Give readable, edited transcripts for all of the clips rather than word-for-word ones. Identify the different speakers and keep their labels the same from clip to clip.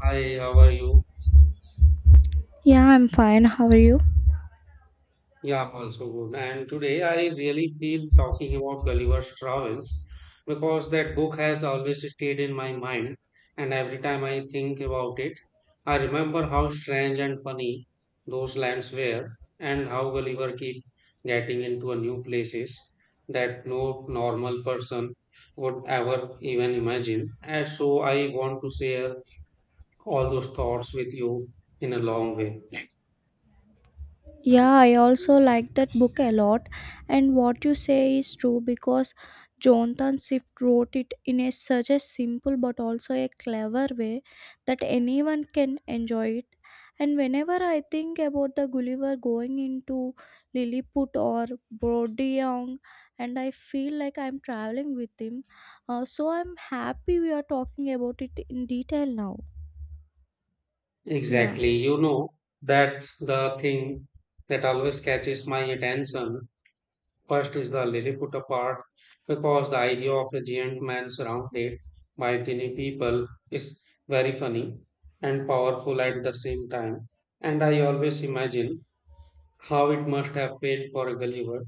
Speaker 1: Hi, how are you?
Speaker 2: Yeah, I'm fine. How are you?
Speaker 1: Yeah, I'm also good. And today I really feel talking about Gulliver's Travels because that book has always stayed in my mind. And every time I think about it, I remember how strange and funny those lands were and how Gulliver keep getting into a new places that no normal person would ever even imagine. And so I want to share all those thoughts with you in a long way.
Speaker 2: Yeah, I also like that book a lot. And what you say is true because Jonathan Swift wrote it in a such a simple but also a clever way that anyone can enjoy it. And whenever I think about the Gulliver going into Lilliput or Brodiang, and I feel like I'm traveling with him, so I'm happy we are talking about it in detail now. Yeah.
Speaker 1: Exactly. You know, that's the thing that always catches my attention. First is the Lilliput part, because the idea of a giant man surrounded by tiny people is very funny and powerful at the same time. And I always imagine how it must have felt for Gulliver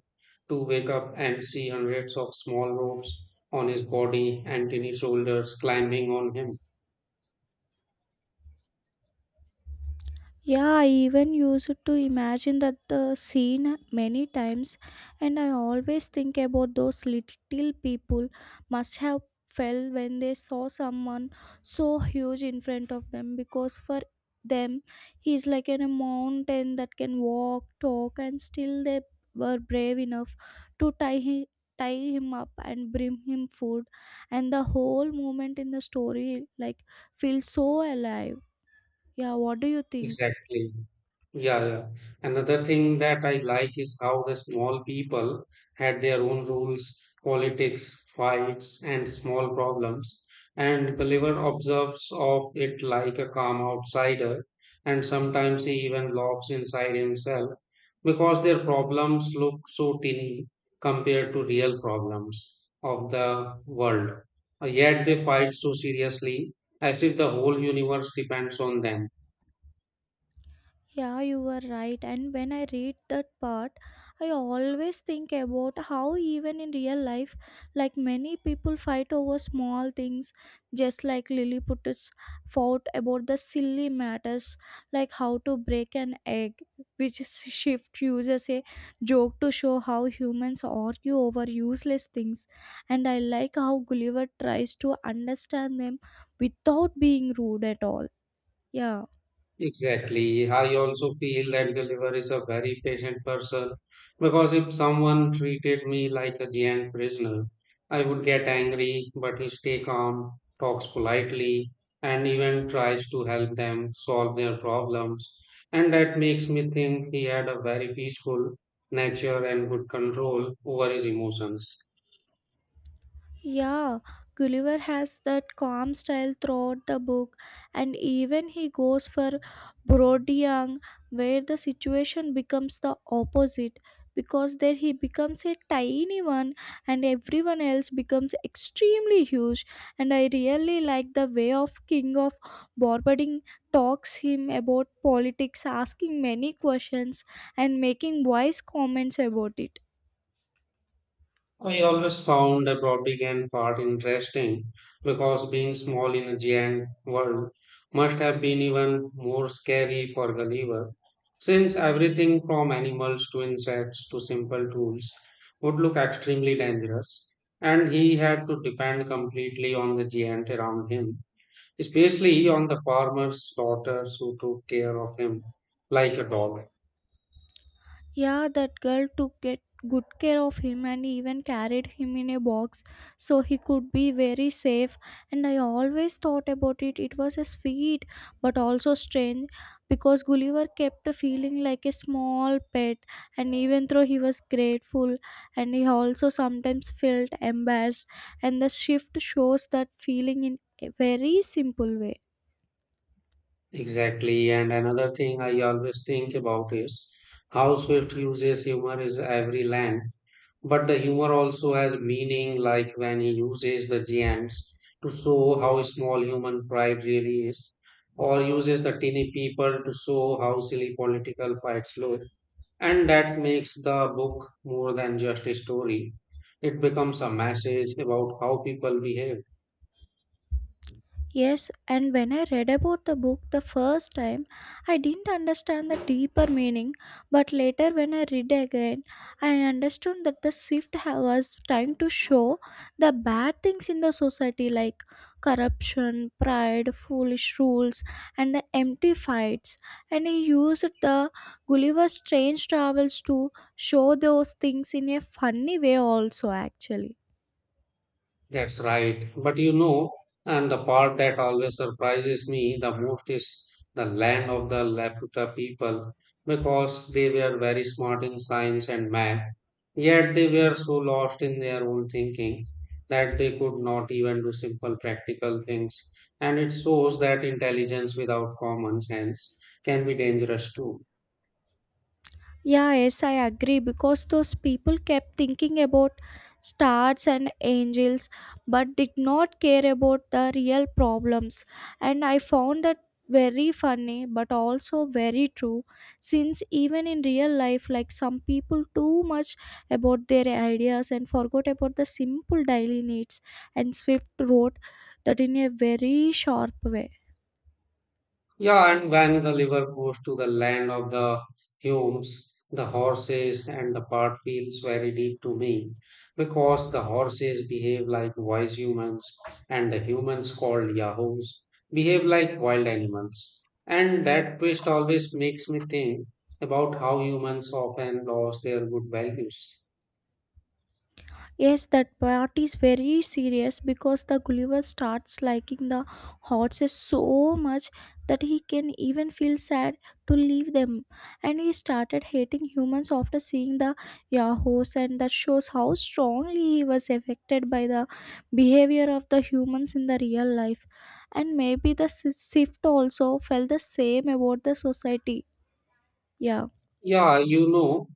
Speaker 1: to wake up and see hundreds of small ropes on his body and tiny shoulders climbing on him.
Speaker 2: Yeah, I even used to imagine that the scene many times, and I always think about those little people must have felt when they saw someone so huge in front of them because for them he is like a mountain that can walk, talk, and still they were brave enough to tie him up and bring him food and the whole moment in the story like feels so alive. Yeah, what do you think?
Speaker 1: Exactly. Yeah, yeah. another thing that I like is how the small people had their own rules, politics, fights, and small problems. And Gulliver observes of it like a calm outsider, and sometimes he even laughs inside himself because their problems look so tiny compared to real problems of the world. Yet they fight so seriously as if the whole universe depends on them.
Speaker 2: Yeah, you were right. And when I read that part, I always think about how, even in real life, like many people fight over small things, just like Lilliput's fought about the silly matters, like how to break an egg, which Shift uses a joke to show how humans argue over useless things. And I like how Gulliver tries to understand them without being rude at all. Yeah.
Speaker 1: Exactly. I also feel that Gulliver is a very patient person because if someone treated me like a giant prisoner, I would get angry, but he stay calm, talks politely, and even tries to help them solve their problems. And that makes me think he had a very peaceful nature and good control over his emotions.
Speaker 2: Yeah, Gulliver has that calm style throughout the book, and even he goes for Brodiang, where the situation becomes the opposite because there he becomes a tiny one and everyone else becomes extremely huge, and I really like the way of king of Borbading talks him about politics, asking many questions and making wise comments about it.
Speaker 1: I always found the Baltic and part interesting because being small in a giant world must have been even more scary for Gulliver, since everything from animals to insects to simple tools would look extremely dangerous, and he had to depend completely on the giant around him, especially on the farmer's daughters who took care of him like a dog.
Speaker 2: Yeah, that girl took it good care of him and even carried him in a box so he could be very safe. And I always thought about it. It was a sweet but also strange because Gulliver kept feeling like a small pet. And even though he was grateful, and he also sometimes felt embarrassed. And the shift shows that feeling in a very simple way.
Speaker 1: Exactly. And another thing I always think about is how Swift uses humor is every land. But the humor also has meaning, like when he uses the giants to show how small human pride really is, or uses the teeny people to show how silly political fights look. And that makes the book more than just a story. It becomes a message about how people behave.
Speaker 2: Yes, and when I read about the book the first time, I didn't understand the deeper meaning, but later when I read again, I understood that the was trying to show the bad things in the society like corruption, pride, foolish rules, and the empty fights. And he used the Gulliver's strange travels to show those things in a funny way, also, actually.
Speaker 1: That's right. But you know, and the part that always surprises me the most is the land of the Laputa people because they were very smart in science and math, yet they were so lost in their own thinking that they could not even do simple practical things. And it shows that intelligence without common sense can be dangerous too.
Speaker 2: Yeah, yes, I agree because those people kept thinking about stars and angels but did not care about the real problems. And I found that very funny but also very true, since even in real life like some people too much about their ideas and forgot about the simple daily needs, and swift wrote that in a very sharp way.
Speaker 1: Yeah, and when the river goes to the land of the Humes, the horses and the part feels very deep to me because the horses behave like wise humans and the humans called Yahoos behave like wild animals. And that twist always makes me think about how humans often lose their good values.
Speaker 2: Yes, that part is very serious because the Gulliver starts liking the horses so much that he can even feel sad to leave them. And he started hating humans after seeing the Yahoo's, and that shows how strongly he was affected by the behavior of the humans in the real life. And maybe the shift also felt the same about the society. Yeah.
Speaker 1: Yeah, you know,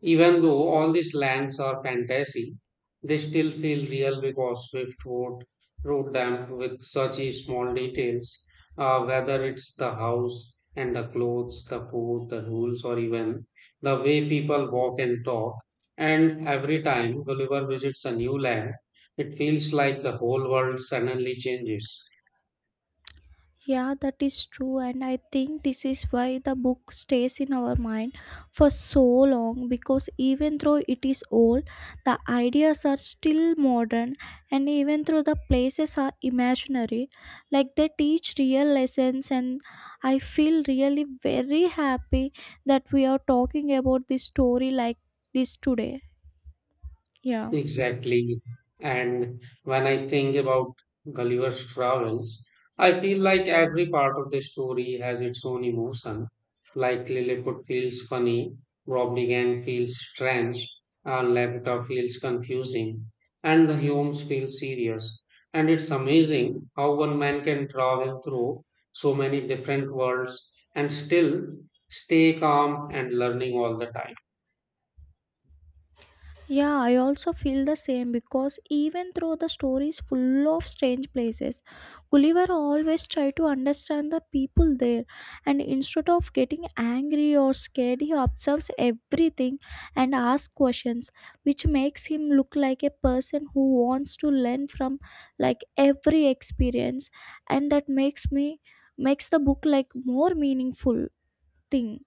Speaker 1: even though all these lands are fantasy, they still feel real because Swiftwood wrote them with such a small details, whether it's the house and the clothes, the food, the rules, or even the way people walk and talk. And every time Gulliver visits a new land, it feels like the whole world suddenly changes.
Speaker 2: Yeah, that is true, and I think this is why the book stays in our mind for so long because even though it is old, the ideas are still modern, and even though the places are imaginary, like they teach real lessons. And I feel really very happy that we are talking about this story like this today. Yeah.
Speaker 1: Exactly. And when I think about Gulliver's travels, I feel like every part of the story has its own emotion. Like Lilliput feels funny, Robnigan feels strange, and Laputa feels confusing, and the Humes feel serious. And it's amazing how one man can travel through so many different worlds and still stay calm and learning all the time.
Speaker 2: Yeah, I also feel the same because even though the story is full of strange places, Gulliver always tried to understand the people there and instead of getting angry or scared, he observes everything and asks questions, which makes him look like a person who wants to learn from like every experience, and that makes the book like more meaningful thing.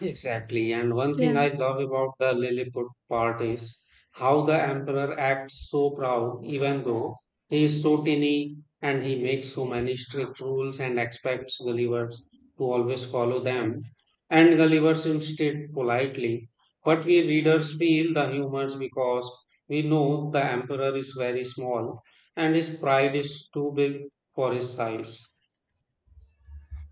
Speaker 1: Exactly. And one thing
Speaker 2: Yeah.
Speaker 1: I love about the Lilliput part is how the emperor acts so proud, even though he is so tiny and he makes so many strict rules and expects Gulliver to always follow them. And Gulliver's instead politely. But we readers feel the humors because we know the emperor is very small and his pride is too big for his size.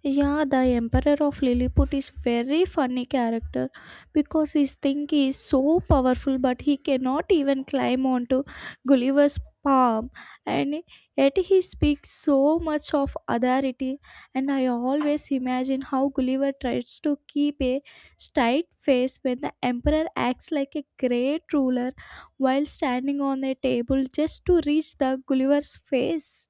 Speaker 2: Yeah, the Emperor of Lilliput is very funny character because his thing is so powerful, but he cannot even climb onto Gulliver's palm, and yet he speaks so much of authority. And I always imagine how Gulliver tries to keep a straight face when the Emperor acts like a great ruler while standing on a table just to reach the Gulliver's face.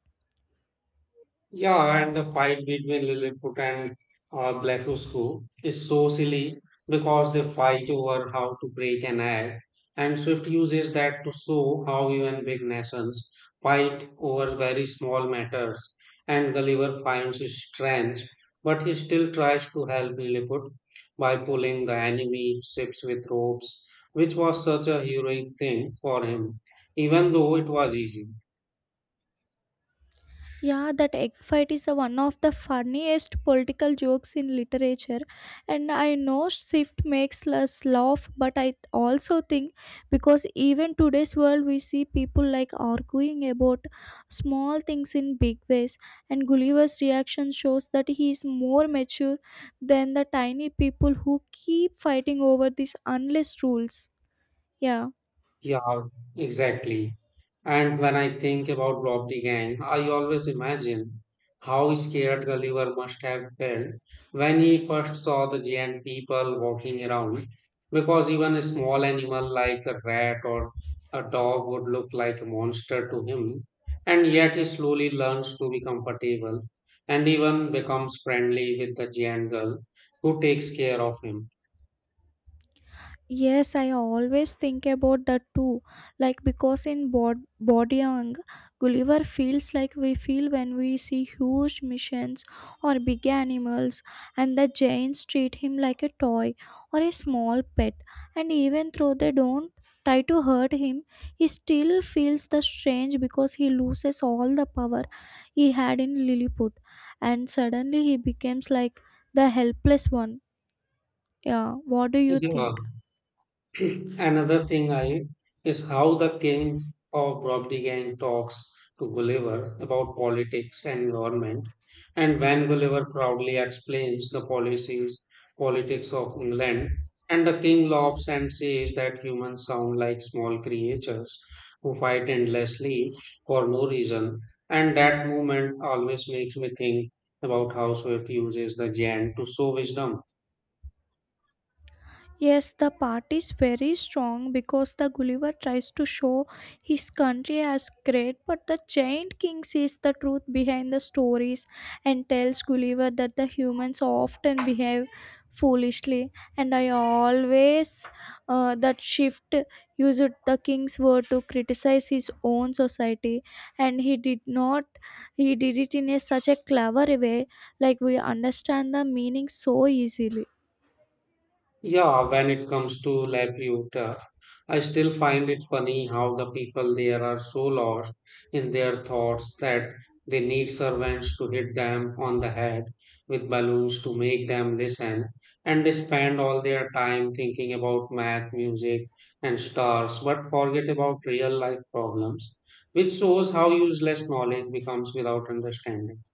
Speaker 1: Yeah, and the fight between Lilliput and Blefuscu is so silly because they fight over how to break an egg, and Swift uses that to show how even big nations fight over very small matters. And Gulliver finds his strength, but he still tries to help Lilliput by pulling the enemy ships with ropes, which was such a heroic thing for him, even though it was easy.
Speaker 2: Yeah, that egg fight is a one of the funniest political jokes in literature. And I know Swift makes us laugh, but I also think because even today's world we see people like arguing about small things in big ways. And Gulliver's reaction shows that he is more mature than the tiny people who keep fighting over these endless rules. Yeah.
Speaker 1: Yeah, exactly. And when I think about robbery gang, I always imagine how scared Gulliver must have felt when he first saw the giant people walking around, because even a small animal like a rat or a dog would look like a monster to him, and yet he slowly learns to be comfortable and even becomes friendly with the giant girl who takes care of him.
Speaker 2: Yes, I always think about that too. Like because in Bodyang, Gulliver feels like we feel when we see huge missions or big animals, and the giants treat him like a toy or a small pet. And even though they don't try to hurt him, he still feels the strange because he loses all the power he had in Lilliput, and suddenly he becomes like the helpless one. Yeah, what do you
Speaker 1: Yeah.
Speaker 2: think?
Speaker 1: Another thing I is how the king of Brobdigang talks to Gulliver about politics and government, and when Gulliver proudly explains the policies, politics of England, and the king laughs and says that humans sound like small creatures who fight endlessly for no reason, and that moment always makes me think about how Swift uses the Jan to show wisdom.
Speaker 2: Yes, the part is very strong because the Gulliver tries to show his country as great, but the giant king sees the truth behind the stories and tells Gulliver that the humans often behave foolishly. And I always that shift used the king's word to criticize his own society, and he did not. He did it in a such a clever way, like we understand the meaning so easily.
Speaker 1: Yeah, when it comes to Laputa, I still find it funny how the people there are so lost in their thoughts that they need servants to hit them on the head with balloons to make them listen, and they spend all their time thinking about math, music, and stars, but forget about real life problems, which shows how useless knowledge becomes without understanding.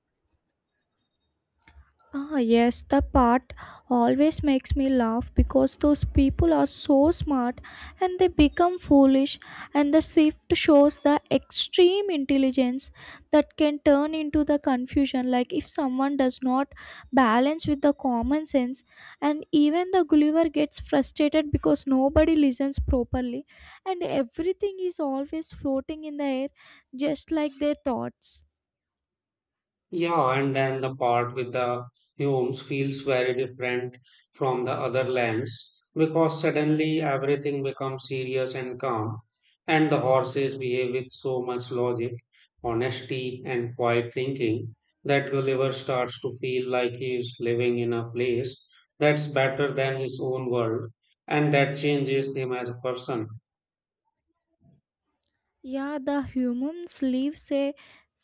Speaker 2: Ah, yes, the part always makes me laugh because those people are so smart and they become foolish, and the shift shows the extreme intelligence that can turn into the confusion. Like, if someone does not balance with the common sense, and even the Gulliver gets frustrated because nobody listens properly, and everything is always floating in the air, just like their thoughts.
Speaker 1: Yeah, and then the part with the homes feels very different from the other lands because suddenly everything becomes serious and calm, and the horses behave with so much logic, honesty, and quiet thinking that Gulliver starts to feel like he is living in a place that's better than his own world, and that changes him as a person.
Speaker 2: Yeah, the humans live say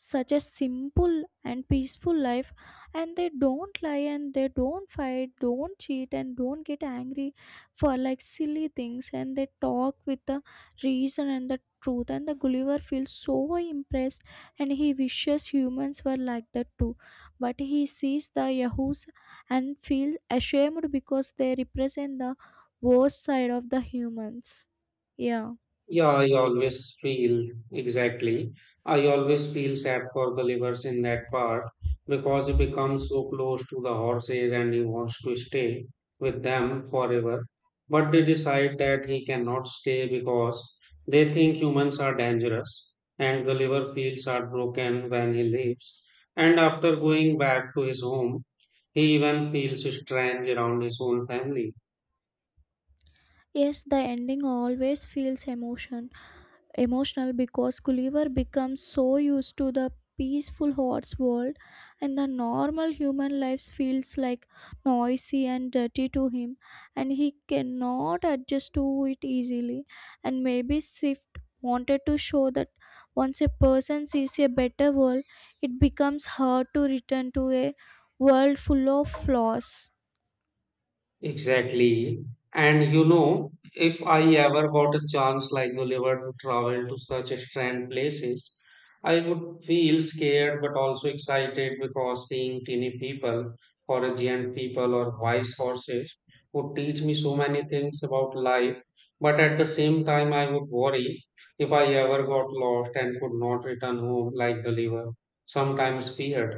Speaker 2: such a simple and peaceful life, and they don't lie and they don't fight, don't cheat and don't get angry for like silly things, and they talk with the reason and the truth, and the Gulliver feels so impressed and he wishes humans were like that too, but he sees the Yahoos and feels ashamed because they represent the worst side of the humans. Yeah.
Speaker 1: Yeah, I always feel exactly. I always feel sad for the livers in that part because you become so close to the horses and he wants to stay with them forever. But they decide that he cannot stay because they think humans are dangerous and the liver feels heartbroken when he leaves. And after going back to his home, he even feels strange around his own family.
Speaker 2: Yes, the ending always feels emotional because Gulliver becomes so used to the peaceful horse world and the normal human life feels like noisy and dirty to him and he cannot adjust to it easily, and maybe Swift wanted to show that once a person sees a better world it becomes hard to return to a world full of flaws.
Speaker 1: Exactly. And you know, if I ever got a chance like Gulliver to travel to such strange places, I would feel scared but also excited because seeing teeny people or a giant people or wise horses would teach me so many things about life. But at the same time, I would worry if I ever got lost and could not return home like Gulliver, sometimes feared.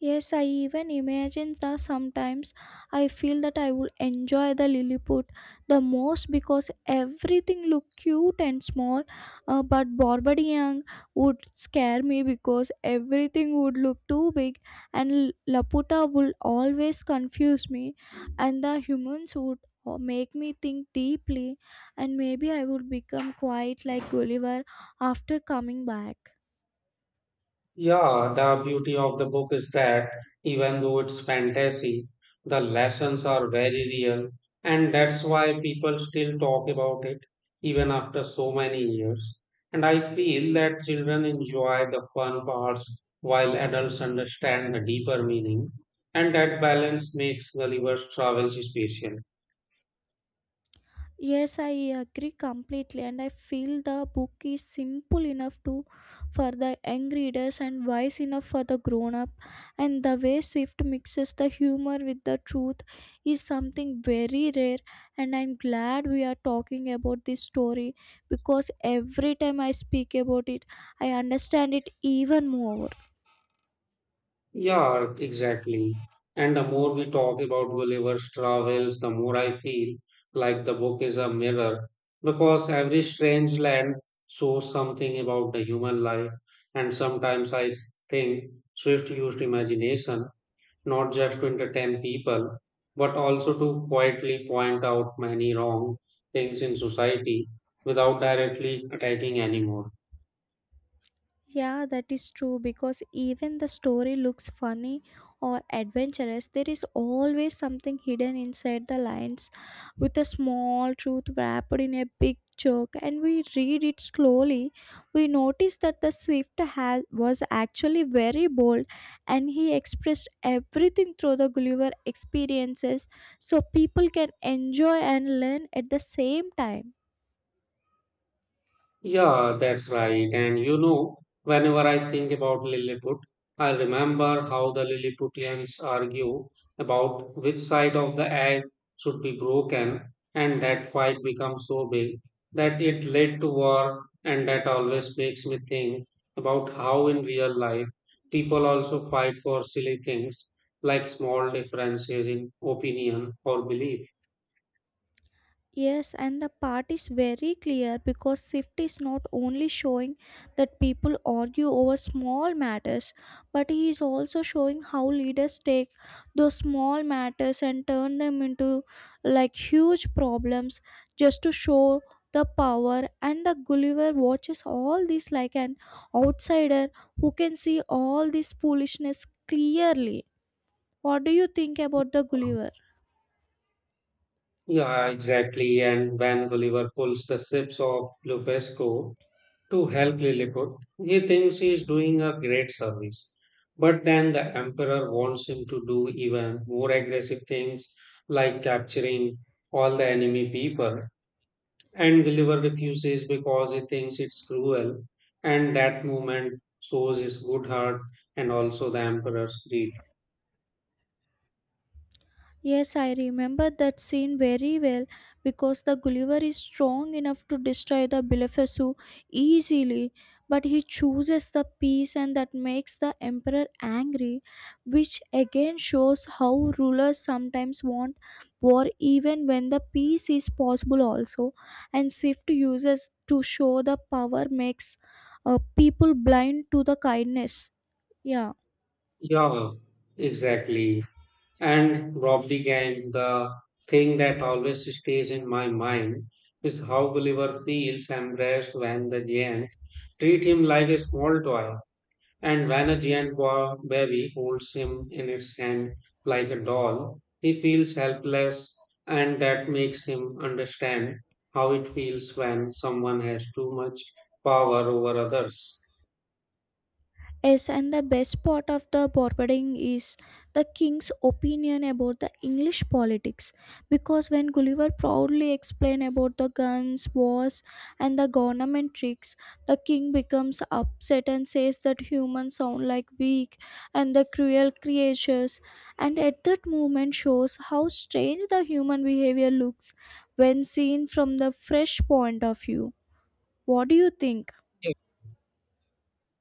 Speaker 2: Yes, I even imagine that sometimes I feel that I would enjoy the Lilliput the most because everything looked cute and small. But Borbadian would scare me because everything would look too big, and Laputa would always confuse me, and the humans would make me think deeply, and maybe I would become quiet like Gulliver after coming back.
Speaker 1: Yeah, the beauty of the book is that even though it's fantasy, the lessons are very real, and that's why people still talk about it even after so many years. And I feel that children enjoy the fun parts while adults understand the deeper meaning, and that balance makes Gulliver's Travels special.
Speaker 2: Yes, I agree completely, and I feel the book is simple enough to for the young readers and wise enough for the grown up. And the way Swift mixes the humor with the truth is something very rare. And I'm glad we are talking about this story because every time I speak about it, I understand it even more.
Speaker 1: Yeah, exactly. And the more we talk about Gulliver's travels, the more I feel like the book is a mirror because every strange land shows something about the human life. And sometimes I think Swift used imagination not just to entertain people, but also to quietly point out many wrong things in society without directly attacking anyone.
Speaker 2: Yeah, that is true because even the story looks funny or adventurous, there is always something hidden inside the lines with a small truth wrapped in a big joke, and we read it slowly we notice that the swift has was actually very bold and he expressed everything through the Gulliver experiences so people can enjoy and learn at the same time.
Speaker 1: Yeah, that's right. And you know, whenever I think about Lilliput, I remember how the Lilliputians argue about which side of the egg should be broken, and that fight becomes so big that it led to war, and that always makes me think about how in real life people also fight for silly things like small differences in opinion or belief.
Speaker 2: Yes, and the part is very clear because Swift is not only showing that people argue over small matters, but he is also showing how leaders take those small matters and turn them into like huge problems just to show the power. And the Gulliver watches all this like an outsider who can see all this foolishness clearly. What do you think about the Gulliver?
Speaker 1: Yeah, exactly. And when Gulliver pulls the ships off Lufesco to help Lilliput, he thinks he is doing a great service. But then the Emperor wants him to do even more aggressive things like capturing all the enemy people. And Gulliver refuses because he thinks it's cruel. And that moment shows his good heart and also the Emperor's greed.
Speaker 2: Yes, I remember that scene very well because the Gulliver is strong enough to destroy the Belefesu easily, but he chooses the peace and that makes the Emperor angry, which again shows how rulers sometimes want war even when the peace is possible also. And Swift uses to show the power makes people blind to the kindness. Yeah.
Speaker 1: Yeah, exactly. And Rob began. The thing that always stays in my mind is how Gulliver feels embraced when the giant treat him like a small toy, and when a giant boy baby holds him in its hand like a doll, he feels helpless, and that makes him understand how it feels when someone has too much power over others.
Speaker 2: Yes, and the best part of the forwarding is the king's opinion about the English politics. Because when Gulliver proudly explained about the guns, wars, and the government tricks, the king becomes upset and says that humans sound like weak and the cruel creatures. And at that moment shows how strange the human behavior looks when seen from the fresh point of view. What do you think?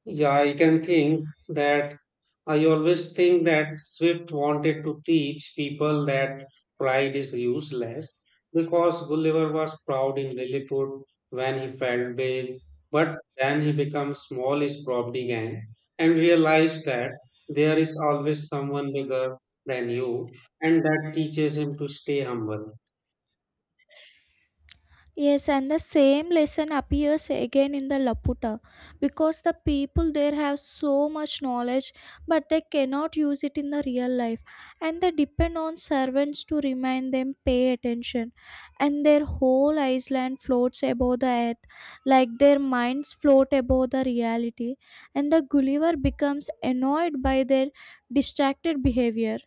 Speaker 1: Yeah, I always think that Swift wanted to teach people that pride is useless because Gulliver was proud in Lilliput when he felt big, but then he becomes small is probably gang and realized that there is always someone bigger than you, and that teaches him to stay humble.
Speaker 2: Yes, and the same lesson appears again in the Laputa because the people there have so much knowledge but they cannot use it in the real life and they depend on servants to remind them pay attention, and their whole island floats above the earth like their minds float above the reality, and the Gulliver becomes annoyed by their distracted behavior.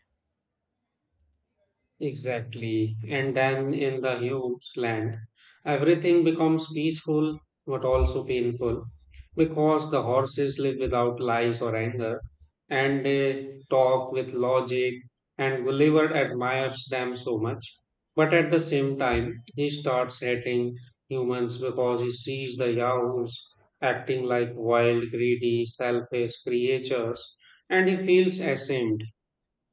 Speaker 1: Exactly. And then in the huge land, everything becomes peaceful but also painful because the horses live without lies or anger and they talk with logic and Gulliver admires them so much. But at the same time, he starts hating humans because he sees the Yahoos acting like wild, greedy, selfish creatures and he feels ashamed.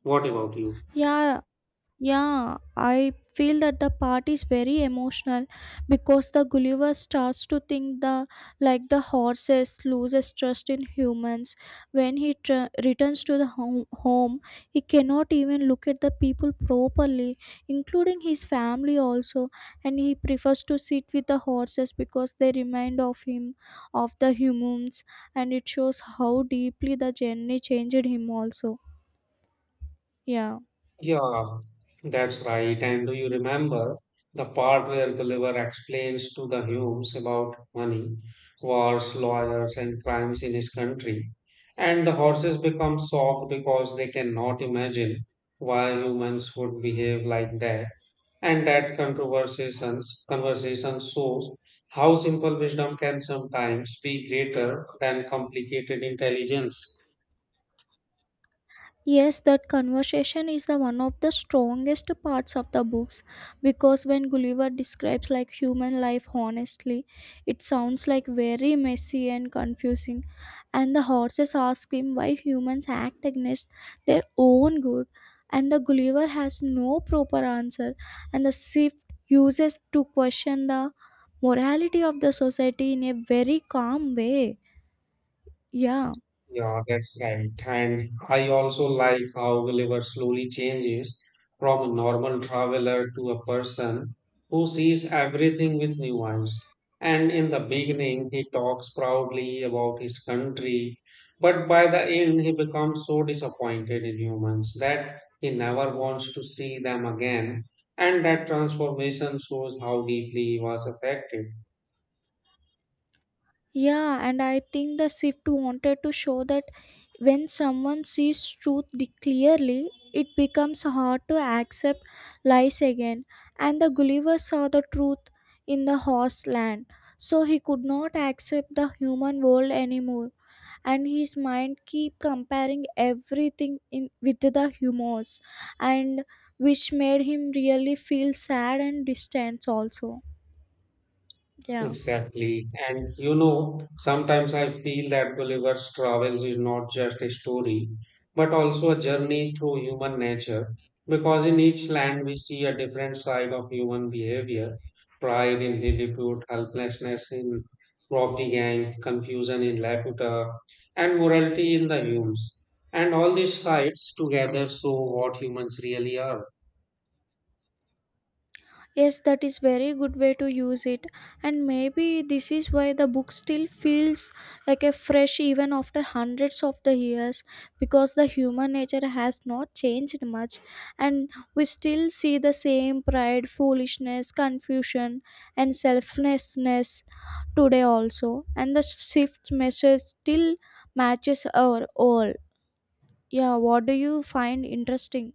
Speaker 1: What about you?
Speaker 2: Yeah, Yeah, I feel that the part is very emotional because the Gulliver starts to think the like the horses loses trust in humans. When he returns to the home, he cannot even look at the people properly, including his family also, and he prefers to sit with the horses because they remind of him of the humans, and it shows how deeply the journey changed him also. Yeah.
Speaker 1: Yeah, that's right. And do you remember the part where Gulliver explains to the Humes about money, wars, lawyers, and crimes in his country? And the horses become shocked because they cannot imagine why humans would behave like that. And that conversation shows how simple wisdom can sometimes be greater than complicated intelligence.
Speaker 2: Yes, that conversation is the one of the strongest parts of the books because when Gulliver describes like human life honestly, it sounds like very messy and confusing. And the horses ask him why humans act against their own good, and the Gulliver has no proper answer, and the shift uses to question the morality of the society in a very calm way. Yeah.
Speaker 1: Yeah, that's right. And I also like how Gulliver slowly changes from a normal traveler to a person who sees everything with nuance. And in the beginning, he talks proudly about his country, but by the end, he becomes so disappointed in humans that he never wants to see them again. And that transformation shows how deeply he was affected.
Speaker 2: Yeah, and I think the shift wanted to show that when someone sees truth clearly, it becomes hard to accept lies again. And the Gulliver saw the truth in the horse land, so he could not accept the human world anymore. And his mind keep comparing everything in with the humors, and which made him really feel sad and distant also. Yeah.
Speaker 1: Exactly. And you know, sometimes I feel that Gulliver's Travels is not just a story, but also a journey through human nature, because in each land we see a different side of human behavior, pride in Lilliput, helplessness in Robdi Gang, confusion in Laputa, and morality in the Humes. And all these sides together show what humans really are.
Speaker 2: Yes, that is very good way to use it. And maybe this is why the book still feels like a fresh even after hundreds of the years, because the human nature has not changed much and we still see the same pride, foolishness, confusion and selflessness today also, and the shift message still matches our all. Yeah, what do you find interesting?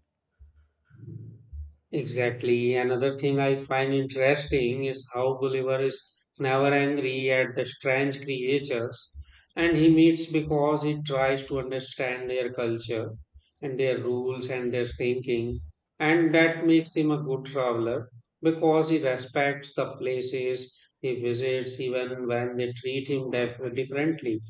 Speaker 1: Exactly. Another thing I find interesting is how Gulliver is never angry at the strange creatures and he meets because he tries to understand their culture and their rules and their thinking. And that makes him a good traveler because he respects the places he visits even when they treat him differently.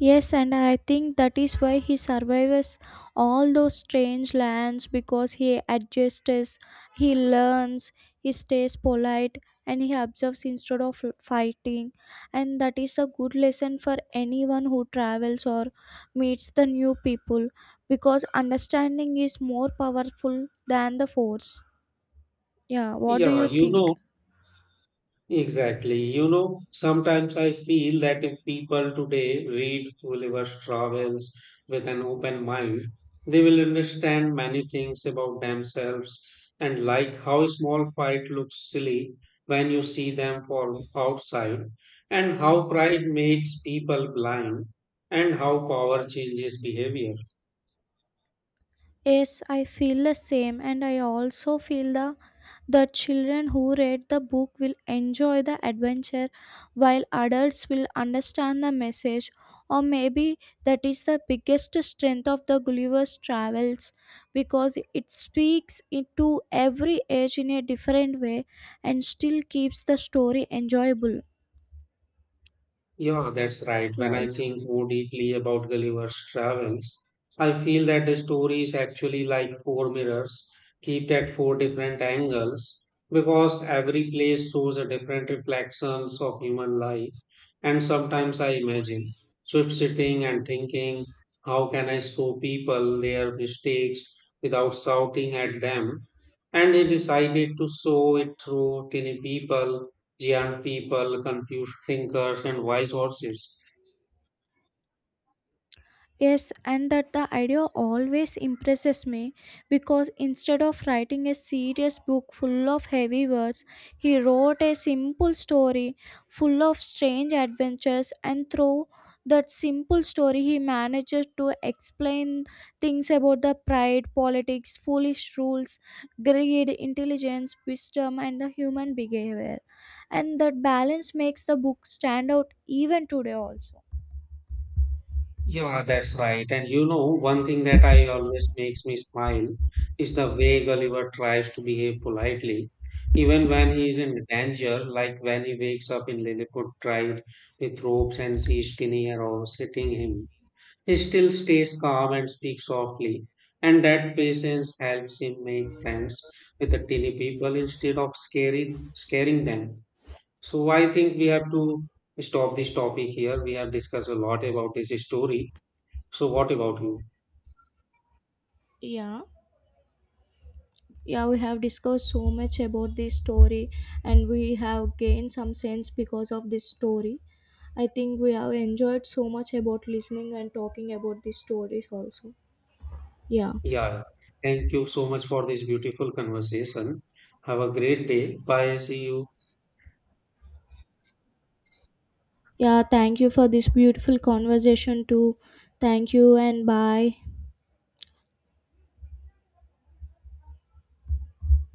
Speaker 2: Yes, and I think that is why he survives all those strange lands because he adjusts, he learns, he stays polite, and he observes instead of fighting. And that is a good lesson for anyone who travels or meets the new people because understanding is more powerful than the force. Yeah, what do
Speaker 1: Yeah,
Speaker 2: you
Speaker 1: you
Speaker 2: think?
Speaker 1: know, Exactly. You know, sometimes I feel that if people today read Gulliver's Travels with an open mind, they will understand many things about themselves and like how a small fight looks silly when you see them from outside, and how pride makes people blind, and how power changes behavior.
Speaker 2: Yes, I feel the same, and I also feel the children who read the book will enjoy the adventure while adults will understand the message, or maybe that is the biggest strength of the Gulliver's Travels because it speaks into every age in a different way and still keeps the story enjoyable.
Speaker 1: Yeah, that's right. When I
Speaker 2: Also.
Speaker 1: think more deeply about Gulliver's travels, I feel that the story is actually like four mirrors, kept at four different angles, because every place shows a different reflections of human life. And sometimes I imagine Swift sitting and thinking, how can I show people their mistakes without shouting at them? And he decided to show it through tiny people Young people, confused thinkers, and wise horses.
Speaker 2: Yes, and that the idea always impresses me because instead of writing a serious book full of heavy words, he wrote a simple story full of strange adventures, and through that simple story, he manages to explain things about the pride, politics, foolish rules, greed, intelligence, wisdom, and the human behavior. And that balance makes the book stand out even today, also.
Speaker 1: Yeah, that's right. And you know, one thing that I always makes me smile is the way Gulliver tries to behave politely, even when he is in danger, like when he wakes up in Lilliput tried with ropes and sees Skinny Arrow hitting him. He still stays calm and speaks softly, and that patience helps him make friends with the teeny people instead of scaring them. So I think we have to stop this topic here. We have discussed a lot about this story. So what about you?
Speaker 2: Yeah, yeah, we have discussed so much about this story and we have gained some sense because of this story. I think we have enjoyed so much about listening and talking about these stories also. Yeah.
Speaker 1: Yeah. Thank you so much for this beautiful conversation. Have a great day. Bye. See you.
Speaker 2: Yeah, thank you for this beautiful conversation too. Thank you and bye.